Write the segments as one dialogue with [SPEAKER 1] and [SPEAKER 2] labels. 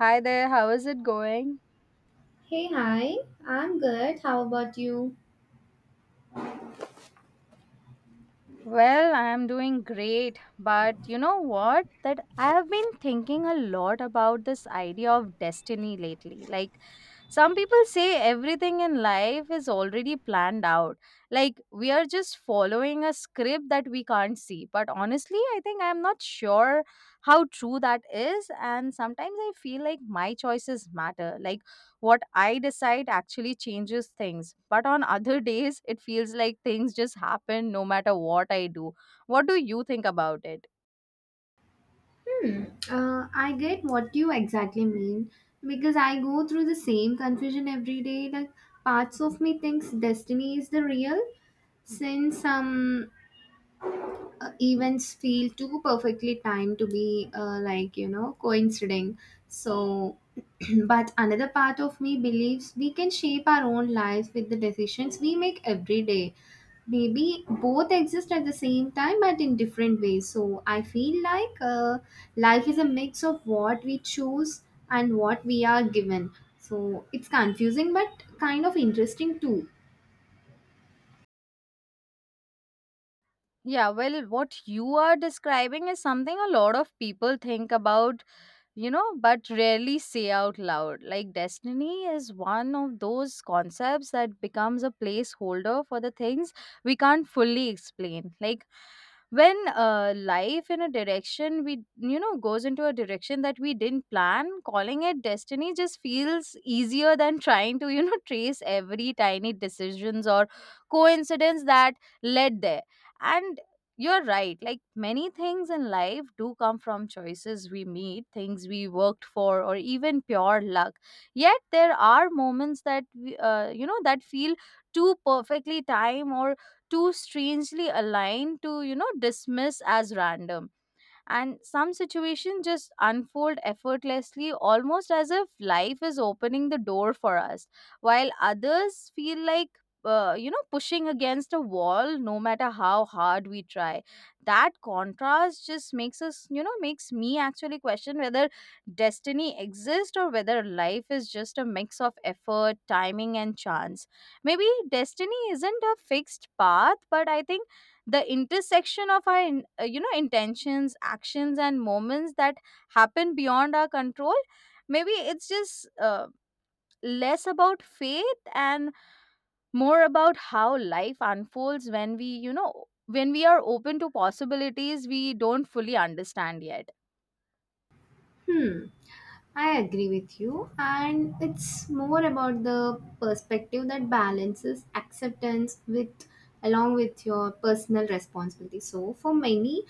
[SPEAKER 1] Hi there, how is it going?
[SPEAKER 2] Hey, hi. I'm good. How about you?
[SPEAKER 1] Well, I am doing great, but you know what? That I have been thinking a lot about this idea of destiny lately. Some people say everything in life is already planned out. Like we are just following a script that we can't see. But honestly, I'm not sure how true that is. And sometimes I feel like my choices matter. Like what I decide actually changes things. But on other days, it feels like things just happen no matter what I do. What do you think about it?
[SPEAKER 2] Hmm. I get what you exactly mean because I go through the same confusion every day. Like parts of me thinks destiny is the real, since events feel too perfectly timed to be like coinciding so but another part of me believes we can shape our own lives with the decisions we make every day. Maybe both exist at the same time but in different ways, so I feel like life is a mix of what we choose and what we are given. So it's confusing but kind of interesting too.
[SPEAKER 1] Yeah, well, what you are describing is something a lot of people think about, but rarely say out loud. Like destiny is one of those concepts that becomes a placeholder for the things we can't fully explain. Like when life in a direction we you know goes into a direction that we didn't plan. Calling it destiny just feels easier than trying to trace every tiny decisions or coincidence that led there. And you're right, like many things in life do come from choices we made, things we worked for, or even pure luck. Yet there are moments that we, you know that feel too perfectly timed or too strangely aligned to dismiss as random. And some situations just unfold effortlessly, almost as if life is opening the door for us, while others feel like pushing against a wall no matter how hard we try. That contrast just makes us you know makes me actually question whether destiny exists or whether life is just a mix of effort, timing, and chance. Maybe destiny isn't a fixed path, but I think the intersection of our intentions, actions, and moments that happen beyond our control. Maybe it's just less about faith and more about how life unfolds when we you know when we are open to possibilities we don't fully understand yet.
[SPEAKER 2] Hmm. I agree with you, and it's more about the perspective that balances acceptance with along with your personal responsibility. So, for many,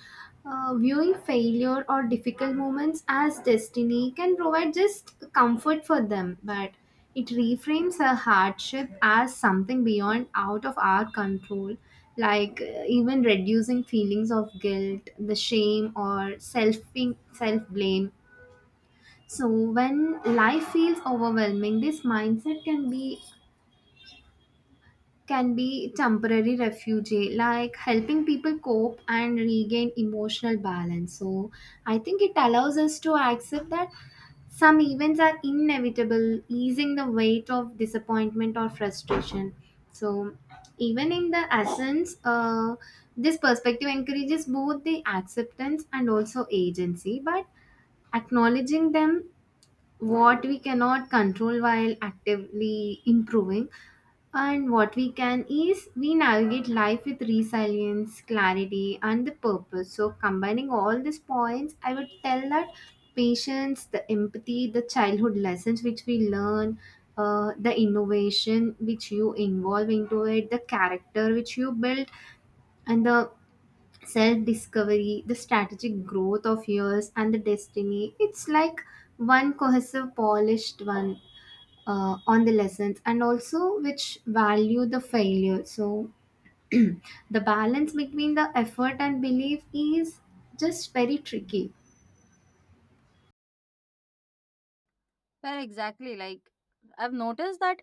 [SPEAKER 2] viewing failure or difficult moments as destiny can provide just comfort for them, but it reframes a hardship as something beyond out of our control, like even reducing feelings of guilt, the shame, or self blame. So when life feels overwhelming, this mindset can be temporary refugee, like helping people cope and regain emotional balance. So I think it allows us to accept that some events are inevitable, easing the weight of disappointment or frustration. So even in the essence, this perspective encourages both the acceptance and also agency, but acknowledging them what we cannot control while actively improving and what we can is we navigate life with resilience, clarity, and the purpose. So combining all these points, I would tell that patience, the empathy, the childhood lessons which we learn, the innovation which you involve into it, the character which you build, and the self discovery, the strategic growth of years, and the destiny. It's like one cohesive, polished one, on the lessons and also which value the failure. So, the balance between the effort and belief is just very tricky.
[SPEAKER 1] Well, exactly, like I've noticed that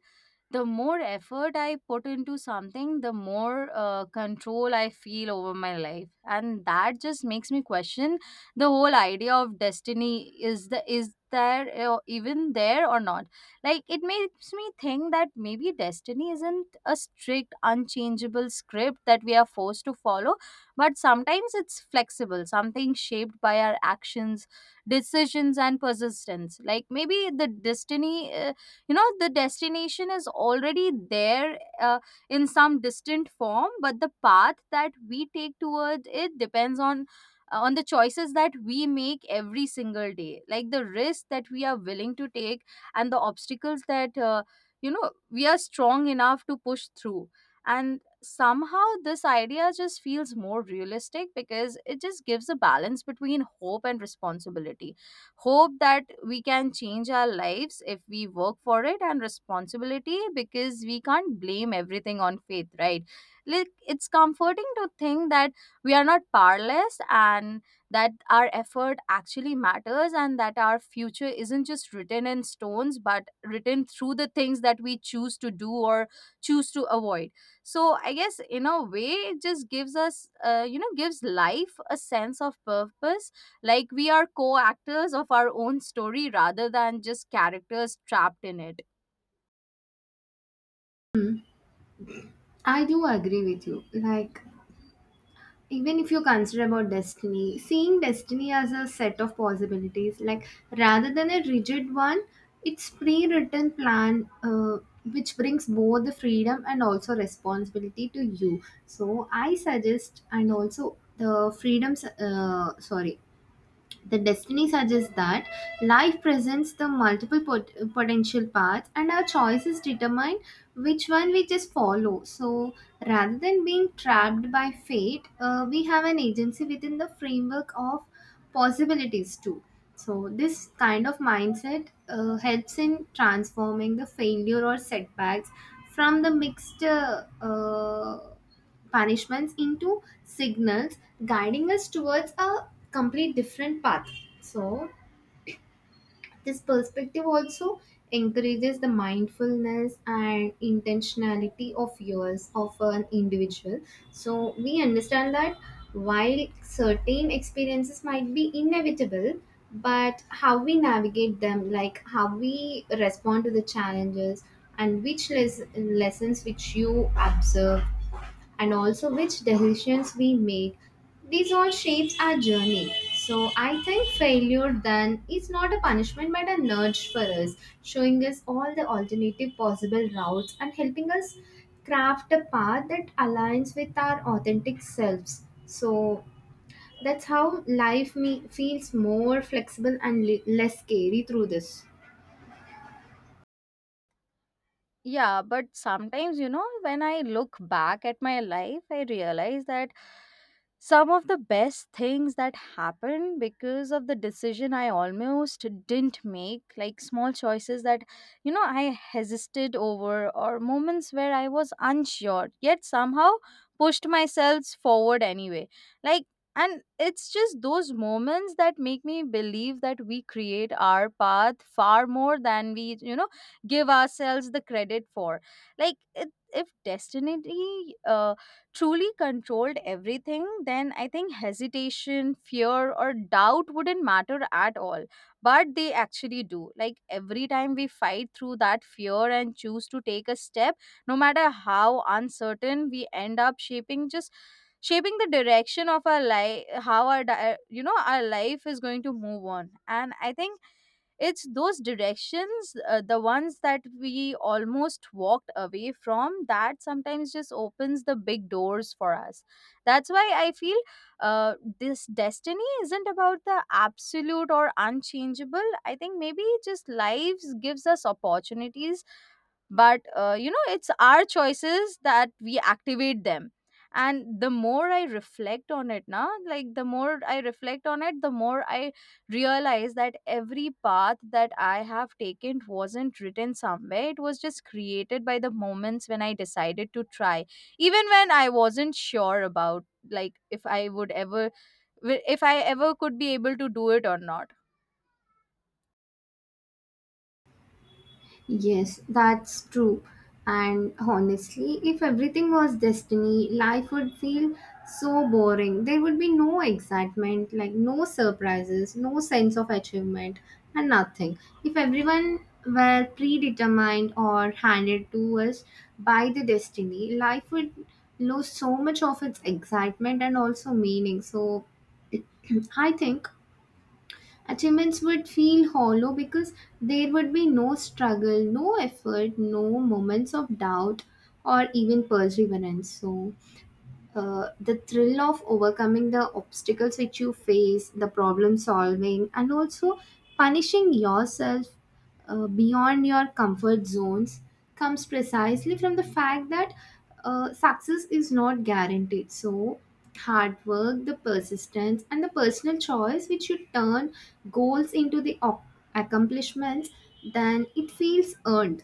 [SPEAKER 1] the more effort I put into something, the more control I feel over my life, and that just makes me question the whole idea of destiny. Is there even there or not? Like it makes me think that maybe destiny isn't a strict, unchangeable script that we are forced to follow, but sometimes it's flexible, something shaped by our actions, decisions, and persistence. Like maybe the destiny. You know The destination is already there, in some distant form, but the path that we take toward it depends on the choices that we make every single day, like the risk that we are willing to take and the obstacles that we are strong enough to push through. And somehow this idea just feels more realistic because it just gives a balance between hope and responsibility. Hope that we can change our lives if we work for it, and responsibility because we can't blame everything on faith, right? Like it's comforting to think that we are not powerless, and that our effort actually matters, and that our future isn't just written in stones, but written through the things that we choose to do or choose to avoid. So I guess in a way, it just gives us you know gives life a sense of purpose. Like we are co actors of our own story rather than just characters trapped in it.
[SPEAKER 2] I do agree with you. Like, even if you consider about destiny seeing destiny as a set of possibilities, like rather than a rigid one, it's pre-written plan, which brings both the freedom and also responsibility to you. So I suggest and also the freedoms, sorry, the destiny suggests that life presents the multiple potential paths, and our choices determine which one we just follow. So, rather than being trapped by fate, we have an agency within the framework of possibilities too. So, this kind of mindset helps in transforming the failure or setbacks from the mixed punishments into signals guiding us towards a complete different path. So this perspective also encourages the mindfulness and intentionality of yours of an individual. So we understand that while certain experiences might be inevitable, but how we navigate them, like how we respond to the challenges, and which lessons which you observe, and also which decisions we make. These all shapes our journey. So I think failure then is not a punishment but a nudge for us, showing us all the alternative possible routes and helping us craft a path that aligns with our authentic selves. So that's how life feels more flexible and less scary through this.
[SPEAKER 1] Yeah, but sometimes, you know, when I look back at my life, I realize that some of the best things that happened because of the decision I almost didn't make, like small choices that, you know, I hesitated over, or moments where I was unsure, yet somehow pushed myself forward anyway. Like, and it's just those moments that make me believe that we create our path far more than give ourselves the credit for. like it, if destiny truly controlled everything, then I think hesitation, fear, or doubt wouldn't matter at all. But they actually do. Like every time we fight through that fear and choose to take a step, no matter how uncertain, we end up shaping the direction of our life, how, our di- you know our life is going to move on. And I think it's those directions, the ones that we almost walked away from, that sometimes just opens the big doors for us. That's why I feel this destiny isn't about the absolute or unchangeable. I think maybe just lives gives us opportunities, but it's our choices that we activate them. And the more I reflect on it, the more I realize that every path that I have taken wasn't written somewhere. It was just created by the moments when I decided to try, even when I wasn't sure about, like if i would ever if I ever could be able to do it or not.
[SPEAKER 2] Yes, that's true. And honestly, if everything was destiny, life would feel so boring. There would be no excitement, like no surprises, no sense of achievement, and nothing. If everyone were predetermined or handed to us by the destiny, life would lose so much of its excitement and also meaning. So I think achievements would feel hollow because there would be no struggle, no effort, no moments of doubt, or even perseverance. So, the thrill of overcoming the obstacles which you face, the problem solving, and also punishing yourself beyond your comfort zones comes precisely from the fact that success is not guaranteed. So, hard work, the persistence, and the personal choice which you turn goals into the accomplishments, then it feels earned.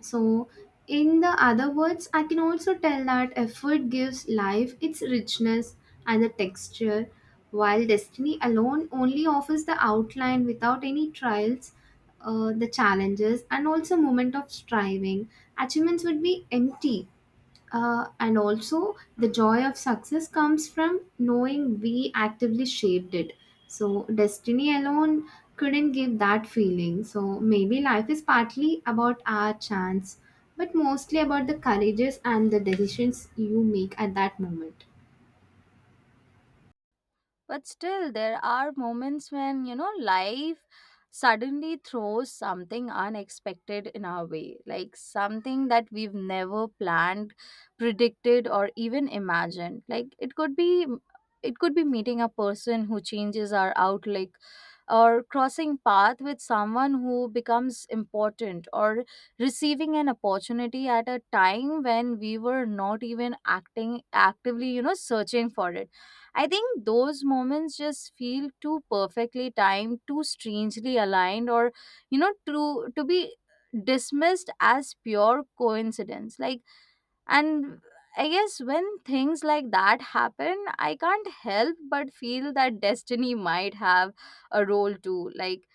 [SPEAKER 2] So, in the other words, I can also tell that effort gives life its richness and the texture, while destiny alone only offers the outline without any trials, the challenges, and also moment of striving. Achievements would be empty, and also, the joy of success comes from knowing we actively shaped it. So, destiny alone couldn't give that feeling. So, maybe life is partly about our chance, but mostly about the courageous and the decisions you make at that moment.
[SPEAKER 1] But still, there are moments when, you know, life suddenly throws something unexpected in our way, like something that we've never planned, predicted, or even imagined. It could be meeting a person who changes our outlook, or crossing path with someone who becomes important, or receiving an opportunity at a time when we were not even acting actively, you know, searching for it. I think those moments just feel too perfectly timed, too strangely aligned, or you know, to be dismissed as pure coincidence. Like, and I guess when things like that happen, I can't help but feel that destiny might have a role too. Like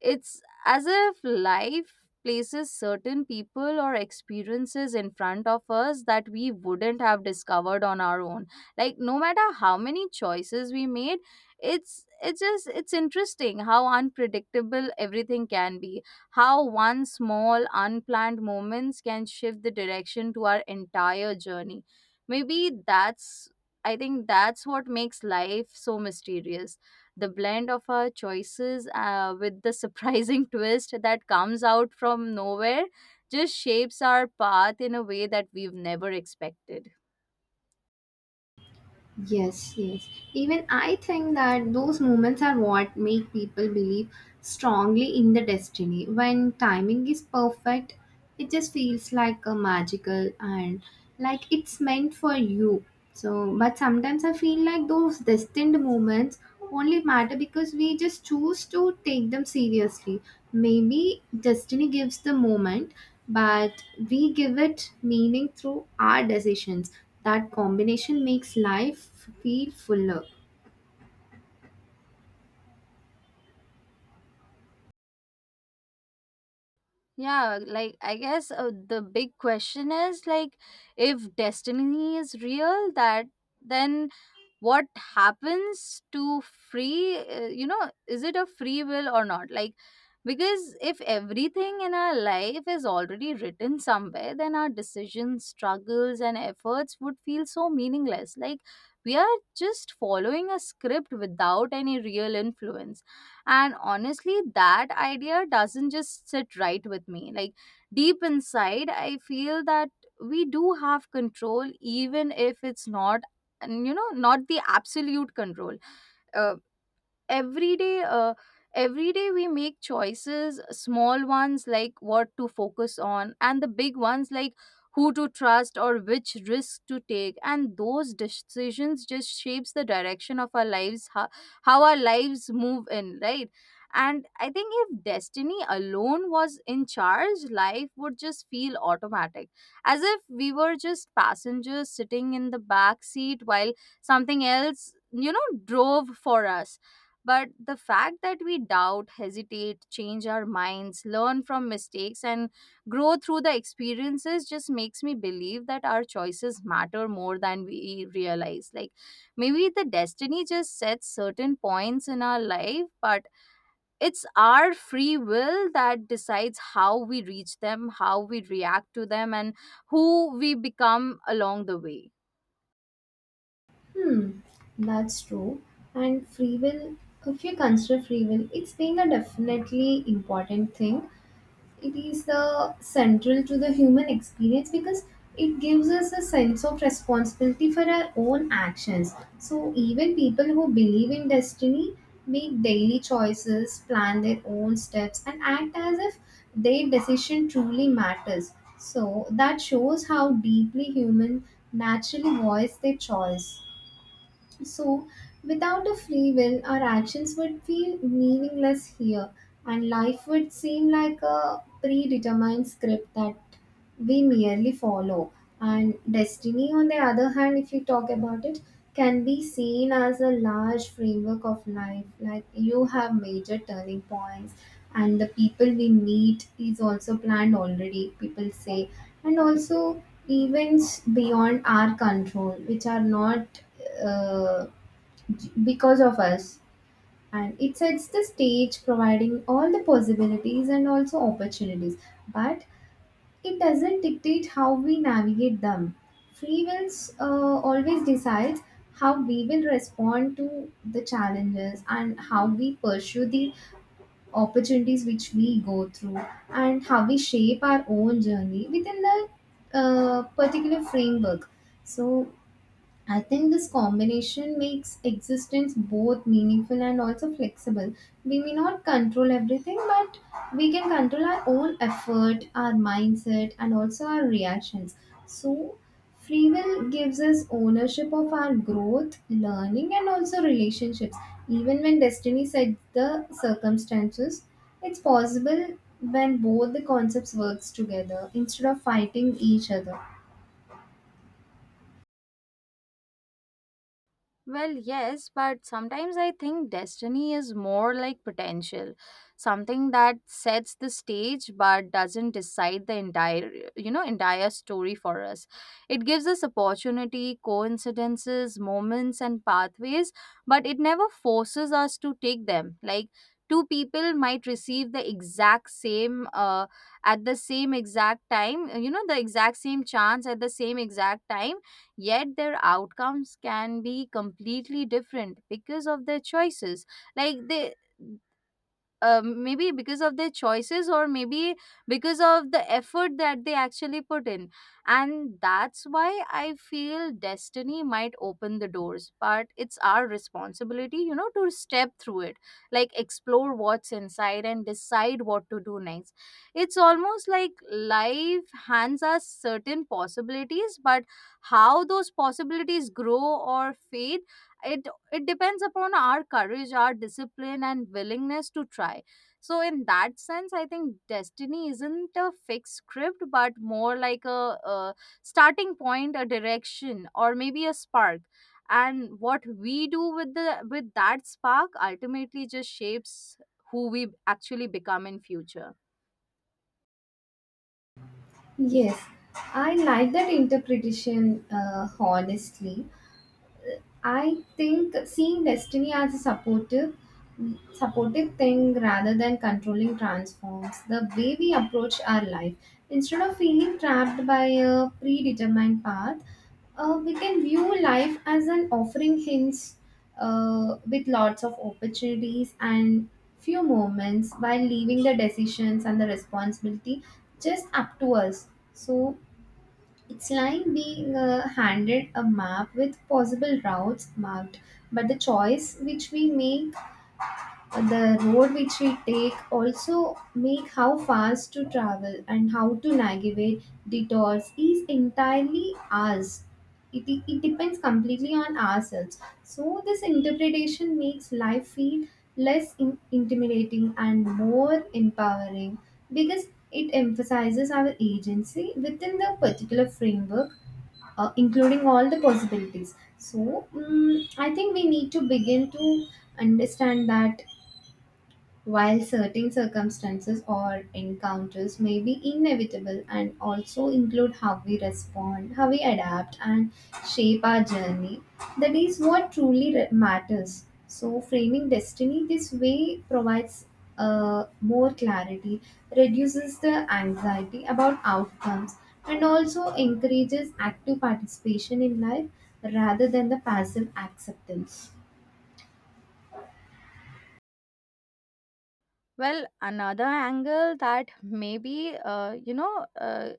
[SPEAKER 1] it's as if life places certain people or experiences in front of us that we wouldn't have discovered on our own. Like no matter how many choices we made, it's interesting how unpredictable everything can be. How one small unplanned moments can shift the direction to our entire journey. Maybe that's I think that's what makes life so mysterious, the blend of our choices with the surprising twist that comes out from nowhere, just shapes our path in a way that we've never expected.
[SPEAKER 2] Yes, yes. Even I think that those moments are what make people believe strongly in the destiny. When timing is perfect, it just feels like a magical and like it's meant for you. So, but sometimes I feel like those destined moments only matter because we just choose to take them seriously. Maybe destiny gives the moment, but we give it meaning through our decisions. That combination makes life feel fuller.
[SPEAKER 1] Yeah, like I guess the big question is like, if destiny is real, that then what happens to free you know is it a free will or not? Like, because if everything in our life is already written somewhere, then our decisions, struggles, and efforts would feel so meaningless. Like we are just following a script without any real influence. And honestly, that idea doesn't just sit right with me. Like deep inside, I feel that we do have control, even if it's not, and you know not the absolute control. uh, every day uh, every day we make choices, small ones like what to focus on and the big ones like who to trust or which risk to take, and those decisions just shapes the direction of our lives, how our lives move in, right? And I think if destiny alone was in charge, life would just feel automatic, as if we were just passengers sitting in the back seat while something else, drove for us. But the fact that we doubt, hesitate, change our minds, learn from mistakes, and grow through the experiences just makes me believe that our choices matter more than we realize. Like maybe the destiny just sets certain points in our life, but it's our free will that decides how we reach them, how we react to them, and who we become along the way.
[SPEAKER 2] Hmm, that's true. And free will, if you consider free will, it's being a definitely important thing. It is the central to the human experience because it gives us a sense of responsibility for our own actions. So even people who believe in destiny make daily choices, plan their own steps, and act as if their decision truly matters. So that shows how deeply human naturally voice their choice. So, without a free will, our actions would feel meaningless here, and life would seem like a predetermined script that we merely follow. And destiny, on the other hand, if you talk about it, can be seen as a large framework of life. Like you have major turning points, and the people we meet is also planned already, people say. And also events beyond our control which are not uh, because of us. And it sets the stage providing all the possibilities and also opportunities, but it doesn't dictate how we navigate them. Free wills always decides how we will respond to the challenges, and how we pursue the opportunities which we go through, and how we shape our own journey within the particular framework. So I think this combination makes existence both meaningful and also flexible. We may not control everything, but we can control our own effort, our mindset, and also our reactions. So, free will gives us ownership of our growth, learning, and also relationships. Even when destiny sets the circumstances, it's possible when both the concepts works together instead of fighting each other.
[SPEAKER 1] Well, yes, but sometimes I think destiny is more like potential, something that sets the stage but doesn't decide the entire, you know, entire story for us. It gives us opportunity, coincidences, moments, and pathways, but it never forces us to take them. Like, two people might receive the exact same at the same exact time, you know, the exact same chance at the same exact time, yet their outcomes can be completely different because of their choices. Like they Maybe because of their choices, or maybe because of the effort that they actually put in. And that's why I feel destiny might open the doors, but it's our responsibility, you know, to step through it, like explore what's inside and decide what to do next. It's almost like life hands us certain possibilities, but how those possibilities grow or fade, it it depends upon our courage, our discipline, and willingness to try. So in that sense, I think destiny isn't a fixed script, but more like a starting point, a direction, or maybe a spark. And what we do with the with that spark ultimately just shapes who we actually become in future.
[SPEAKER 2] Yes, I like that interpretation, honestly. I think seeing destiny as a supportive thing rather than controlling transforms the way we approach our life. Instead of feeling trapped by a predetermined path, we can view life as an offering hints with lots of opportunities and few moments while leaving the decisions and the responsibility just up to us. So it's like being handed a map with possible routes marked, but the choice which we make, the road which we take, also make how fast to travel and how to navigate detours is entirely ours. It depends completely on ourselves. So, this interpretation makes life feel less intimidating and more empowering because it emphasizes our agency within the particular framework, including all the possibilities. So, mm, I think we need to begin to understand that while certain circumstances or encounters may be inevitable and also include how we respond, how we adapt, and shape our journey. That is what truly matters. So, framing destiny this way provides more clarity, reduces the anxiety about outcomes, and also encourages active participation in life rather than the passive acceptance.
[SPEAKER 1] Well, another angle that maybe,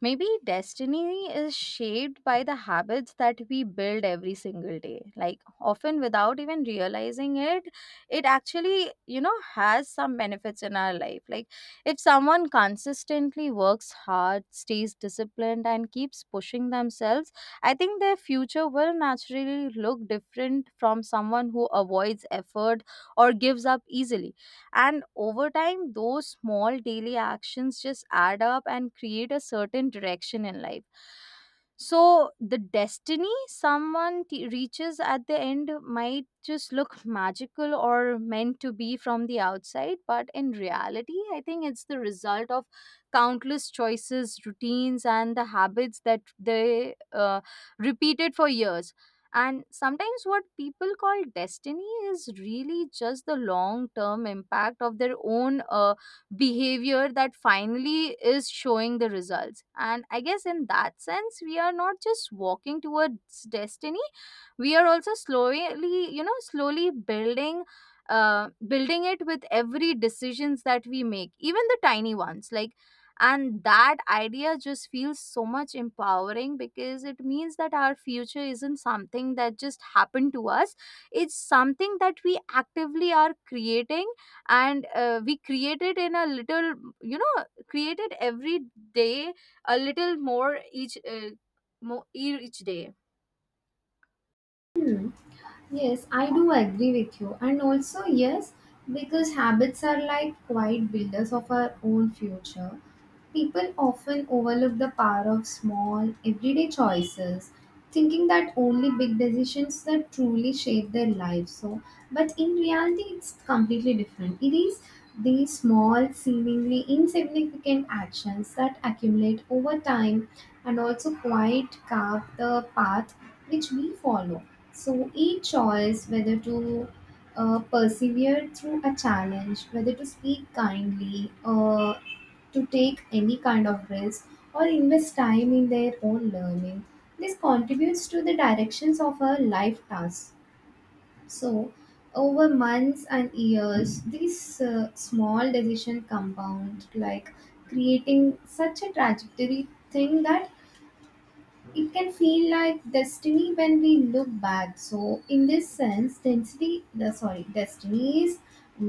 [SPEAKER 1] maybe destiny is shaped by the habits that we build every single day. Like, often without even realizing it, it actually, you know, has some benefits in our life. Like, if someone consistently works hard, stays disciplined, and keeps pushing themselves, I think their future will naturally look different from someone who avoids effort or gives up easily, and over time, those small daily actions just add up and create a certain direction in life. So, the destiny reaches at the end might just look magical or meant to be from the outside, but in reality, I think it's the result of countless choices, routines, and the habits that they repeated for years. And sometimes what people call destiny is really just the long term impact of their own behavior that finally is showing the results. And I guess in that sense, we are not just walking towards destiny, we are also slowly, you know, slowly building. Building it with every decisions that we make, even the tiny ones. Like, and that idea just feels so much empowering because it means that our future isn't something that just happened to us, it's something that we actively are creating. And we create it in a little, you know, create it every day, a little more each day.
[SPEAKER 2] Yes, I do agree with you. And also, yes, because habits are like quiet builders of our own future, people often overlook the power of small, everyday choices, thinking that only big decisions that truly shape their lives. So, but in reality, it's completely different. It is these small, seemingly insignificant actions that accumulate over time and also quite carve the path which we follow. So each choice, whether to persevere through a challenge, whether to speak kindly, to take any kind of risk, or invest time in their own learning, this contributes to the directions of our life tasks. So over months and years, these small decision compound, like creating such a trajectory thing that it can feel like destiny when we look back. So in this sense, density the sorry destiny is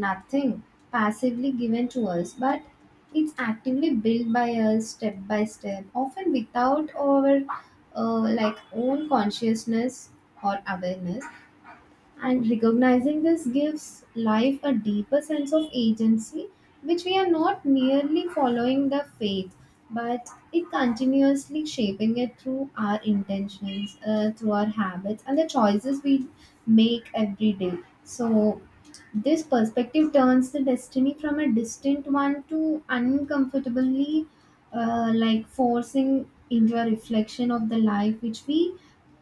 [SPEAKER 2] nothing passively given to us, but it's actively built by us step by step, often without our like own consciousness or awareness. And recognizing this gives life a deeper sense of agency, which we are not merely following the faith, but it continuously shaping it through our intentions, through our habits, and the choices we make every day. So, this perspective turns the destiny from a distant one to uncomfortably like forcing into a reflection of the life which we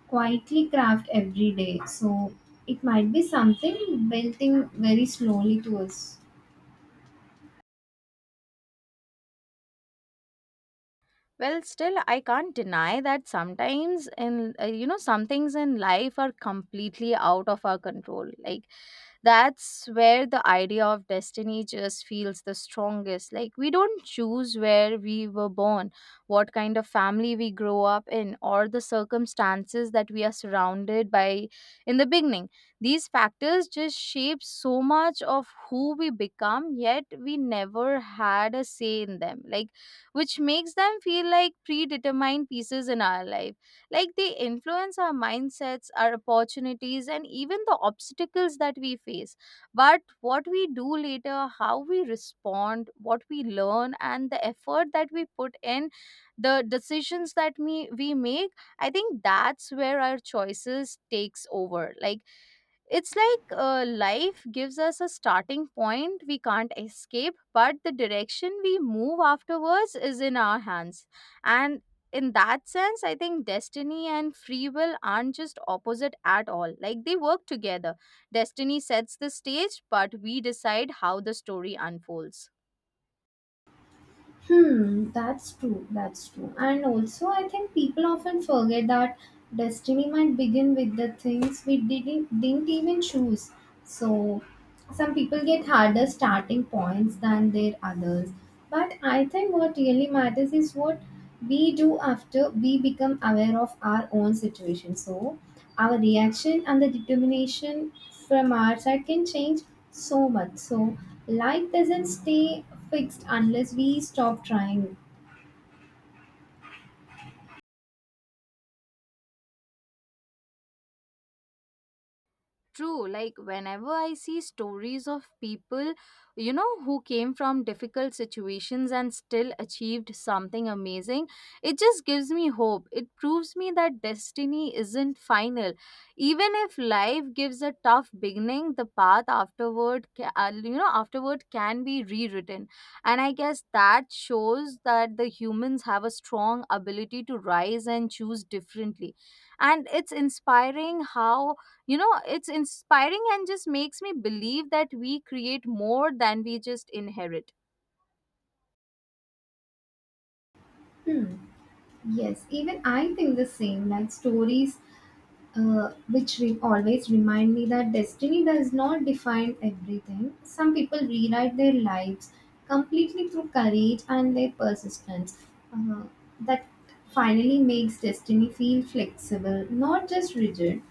[SPEAKER 2] quietly craft every day. So it might be something building very slowly to us.
[SPEAKER 1] Well, still, I can't deny that sometimes, in you know, some things in life are completely out of our control. Like, that's where the idea of destiny just feels the strongest. Like, we don't choose where we were born, what kind of family we grow up in, or the circumstances that we are surrounded by in the beginning. These factors just shape so much of who we become, yet we never had a say in them. Like, which makes them feel like predetermined pieces in our life. Like, they influence our mindsets, our opportunities, and even the obstacles that we face. But what we do later, how we respond, what we learn, and the effort that we put in, the decisions that we make, I think that's where our choices takes over. Like, it's like life gives us a starting point we can't escape, but the direction we move afterwards is in our hands. And in that sense, I think destiny and free will aren't just opposite at all. Like, they work together. Destiny sets the stage, but we decide how the story unfolds.
[SPEAKER 2] Hmm, that's true. That's true. And also, I think people often forget that destiny might begin with the things we didn't even choose. So, some people get harder starting points than their others. But I think what really matters is what we do after we become aware of our own situation. So, our reaction and the determination from our side can change so much. So life doesn't stay fixed unless we stop trying.
[SPEAKER 1] True, like whenever I see stories of people, you know, who came from difficult situations and still achieved something amazing, it just gives me hope. It proves me that destiny isn't final. Even if life gives a tough beginning, the path afterward, you know, afterward can be rewritten. And I guess that shows that the humans have a strong ability to rise and choose differently. And it's inspiring how, you know, it's inspiring and just makes me believe that we create more than we just inherit.
[SPEAKER 2] Hmm. Yes, even I think the same. Like stories which always remind me that destiny does not define everything. Some people rewrite their lives completely through courage and their persistence. Uh, that finally makes destiny feel flexible, not just rigid.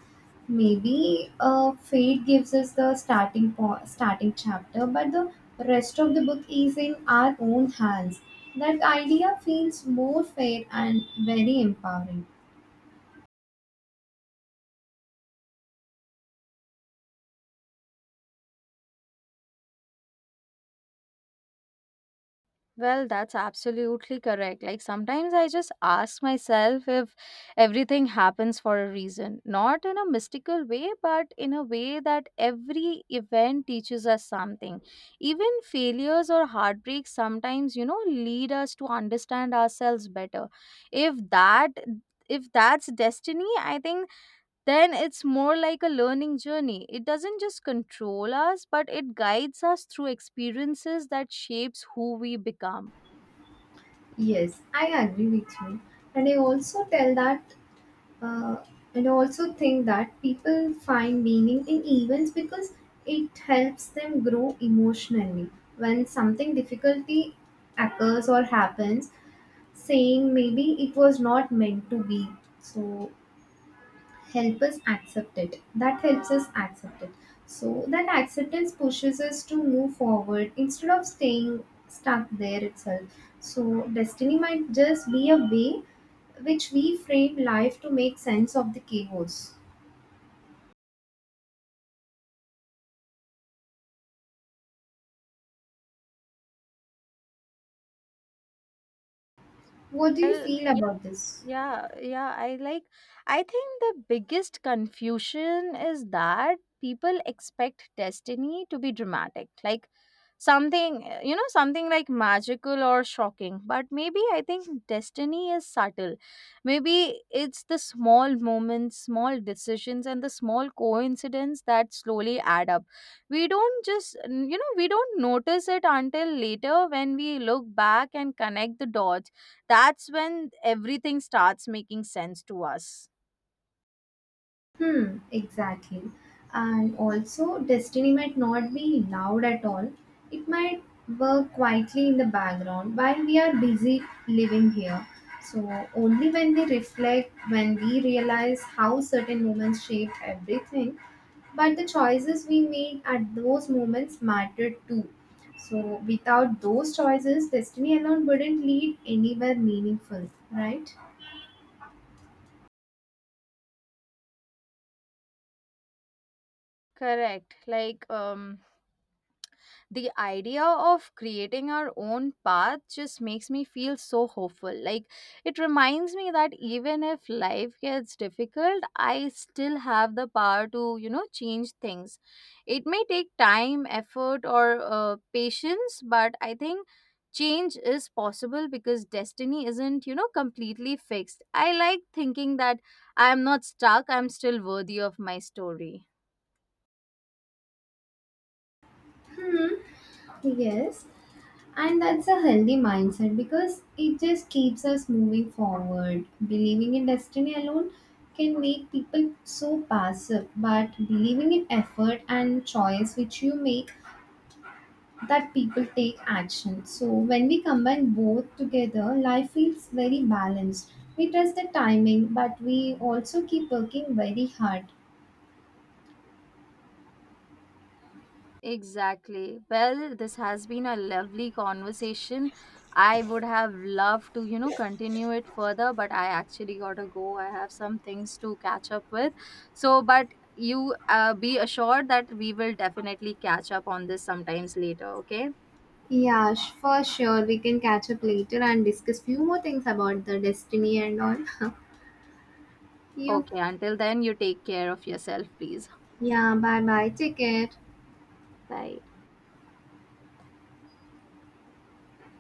[SPEAKER 2] Maybe fate gives us the starting chapter, but the rest of the book is in our own hands. That idea feels more fair and very empowering.
[SPEAKER 1] Well, that's absolutely correct. Like, sometimes I just ask myself if everything happens for a reason, not in a mystical way, but in a way that every event teaches us something. Even failures or heartbreaks sometimes, you know, lead us to understand ourselves better. If that if that's destiny, I think then it's more like a learning journey. It doesn't just control us, but it guides us through experiences that shapes who we become.
[SPEAKER 2] Yes, I agree with you. And I also tell that, uh, and I also think that people find meaning in events because it helps them grow emotionally. When something difficulty occurs or happens, saying maybe it was not meant to be. So help us accept it that helps us accept it, so that acceptance pushes us to move forward instead of staying stuck there itself. So destiny might just be a way which we frame life to make sense of the chaos. What do you
[SPEAKER 1] Well,
[SPEAKER 2] feel
[SPEAKER 1] y-
[SPEAKER 2] about this?
[SPEAKER 1] yeah, yeah. I think the biggest confusion is that people expect destiny to be dramatic, like you know, something like magical or shocking. But maybe I think destiny is subtle. Maybe it's the small moments, small decisions, and the small coincidence that slowly add up. We don't just, you know, we don't notice it until later when we look back and connect the dots, that's when everything starts making sense to us.
[SPEAKER 2] Hmm, exactly. And also, destiny might not be loud at all. It might work quietly in the background while we are busy living here. So, only when we reflect, when we realize how certain moments shaped everything, but the choices we made at those moments mattered too. So, without those choices, destiny alone wouldn't lead anywhere meaningful, right?
[SPEAKER 1] Correct. Like, the idea of creating our own path just makes me feel so hopeful. Like, it reminds me that even if life gets difficult, I still have the power to, you know, change things. It may take time, effort, or patience, but I think change is possible because destiny isn't, you know, completely fixed. I like thinking that I am not stuck, I'm still worthy of my story.
[SPEAKER 2] Hmm, yes. And that's a healthy mindset because it just keeps us moving forward. Believing in destiny alone can make people so passive, but believing in effort and choice which you make, that people take action. So when we combine both together, life feels very balanced. We trust the timing, but we also keep working very hard.
[SPEAKER 1] Exactly. Well, this has been a lovely conversation. I would have loved to, you know, continue it further, but I actually got to go. I have some things to catch up with. So, but you be assured that we will definitely catch up on this sometimes later, okay?
[SPEAKER 2] Yeah, for sure. We can catch up later and discuss few more things about the destiny and all. Yeah.
[SPEAKER 1] Okay, until then, you take care of yourself, please.
[SPEAKER 2] Yeah, bye bye. Take care.
[SPEAKER 1] Bye.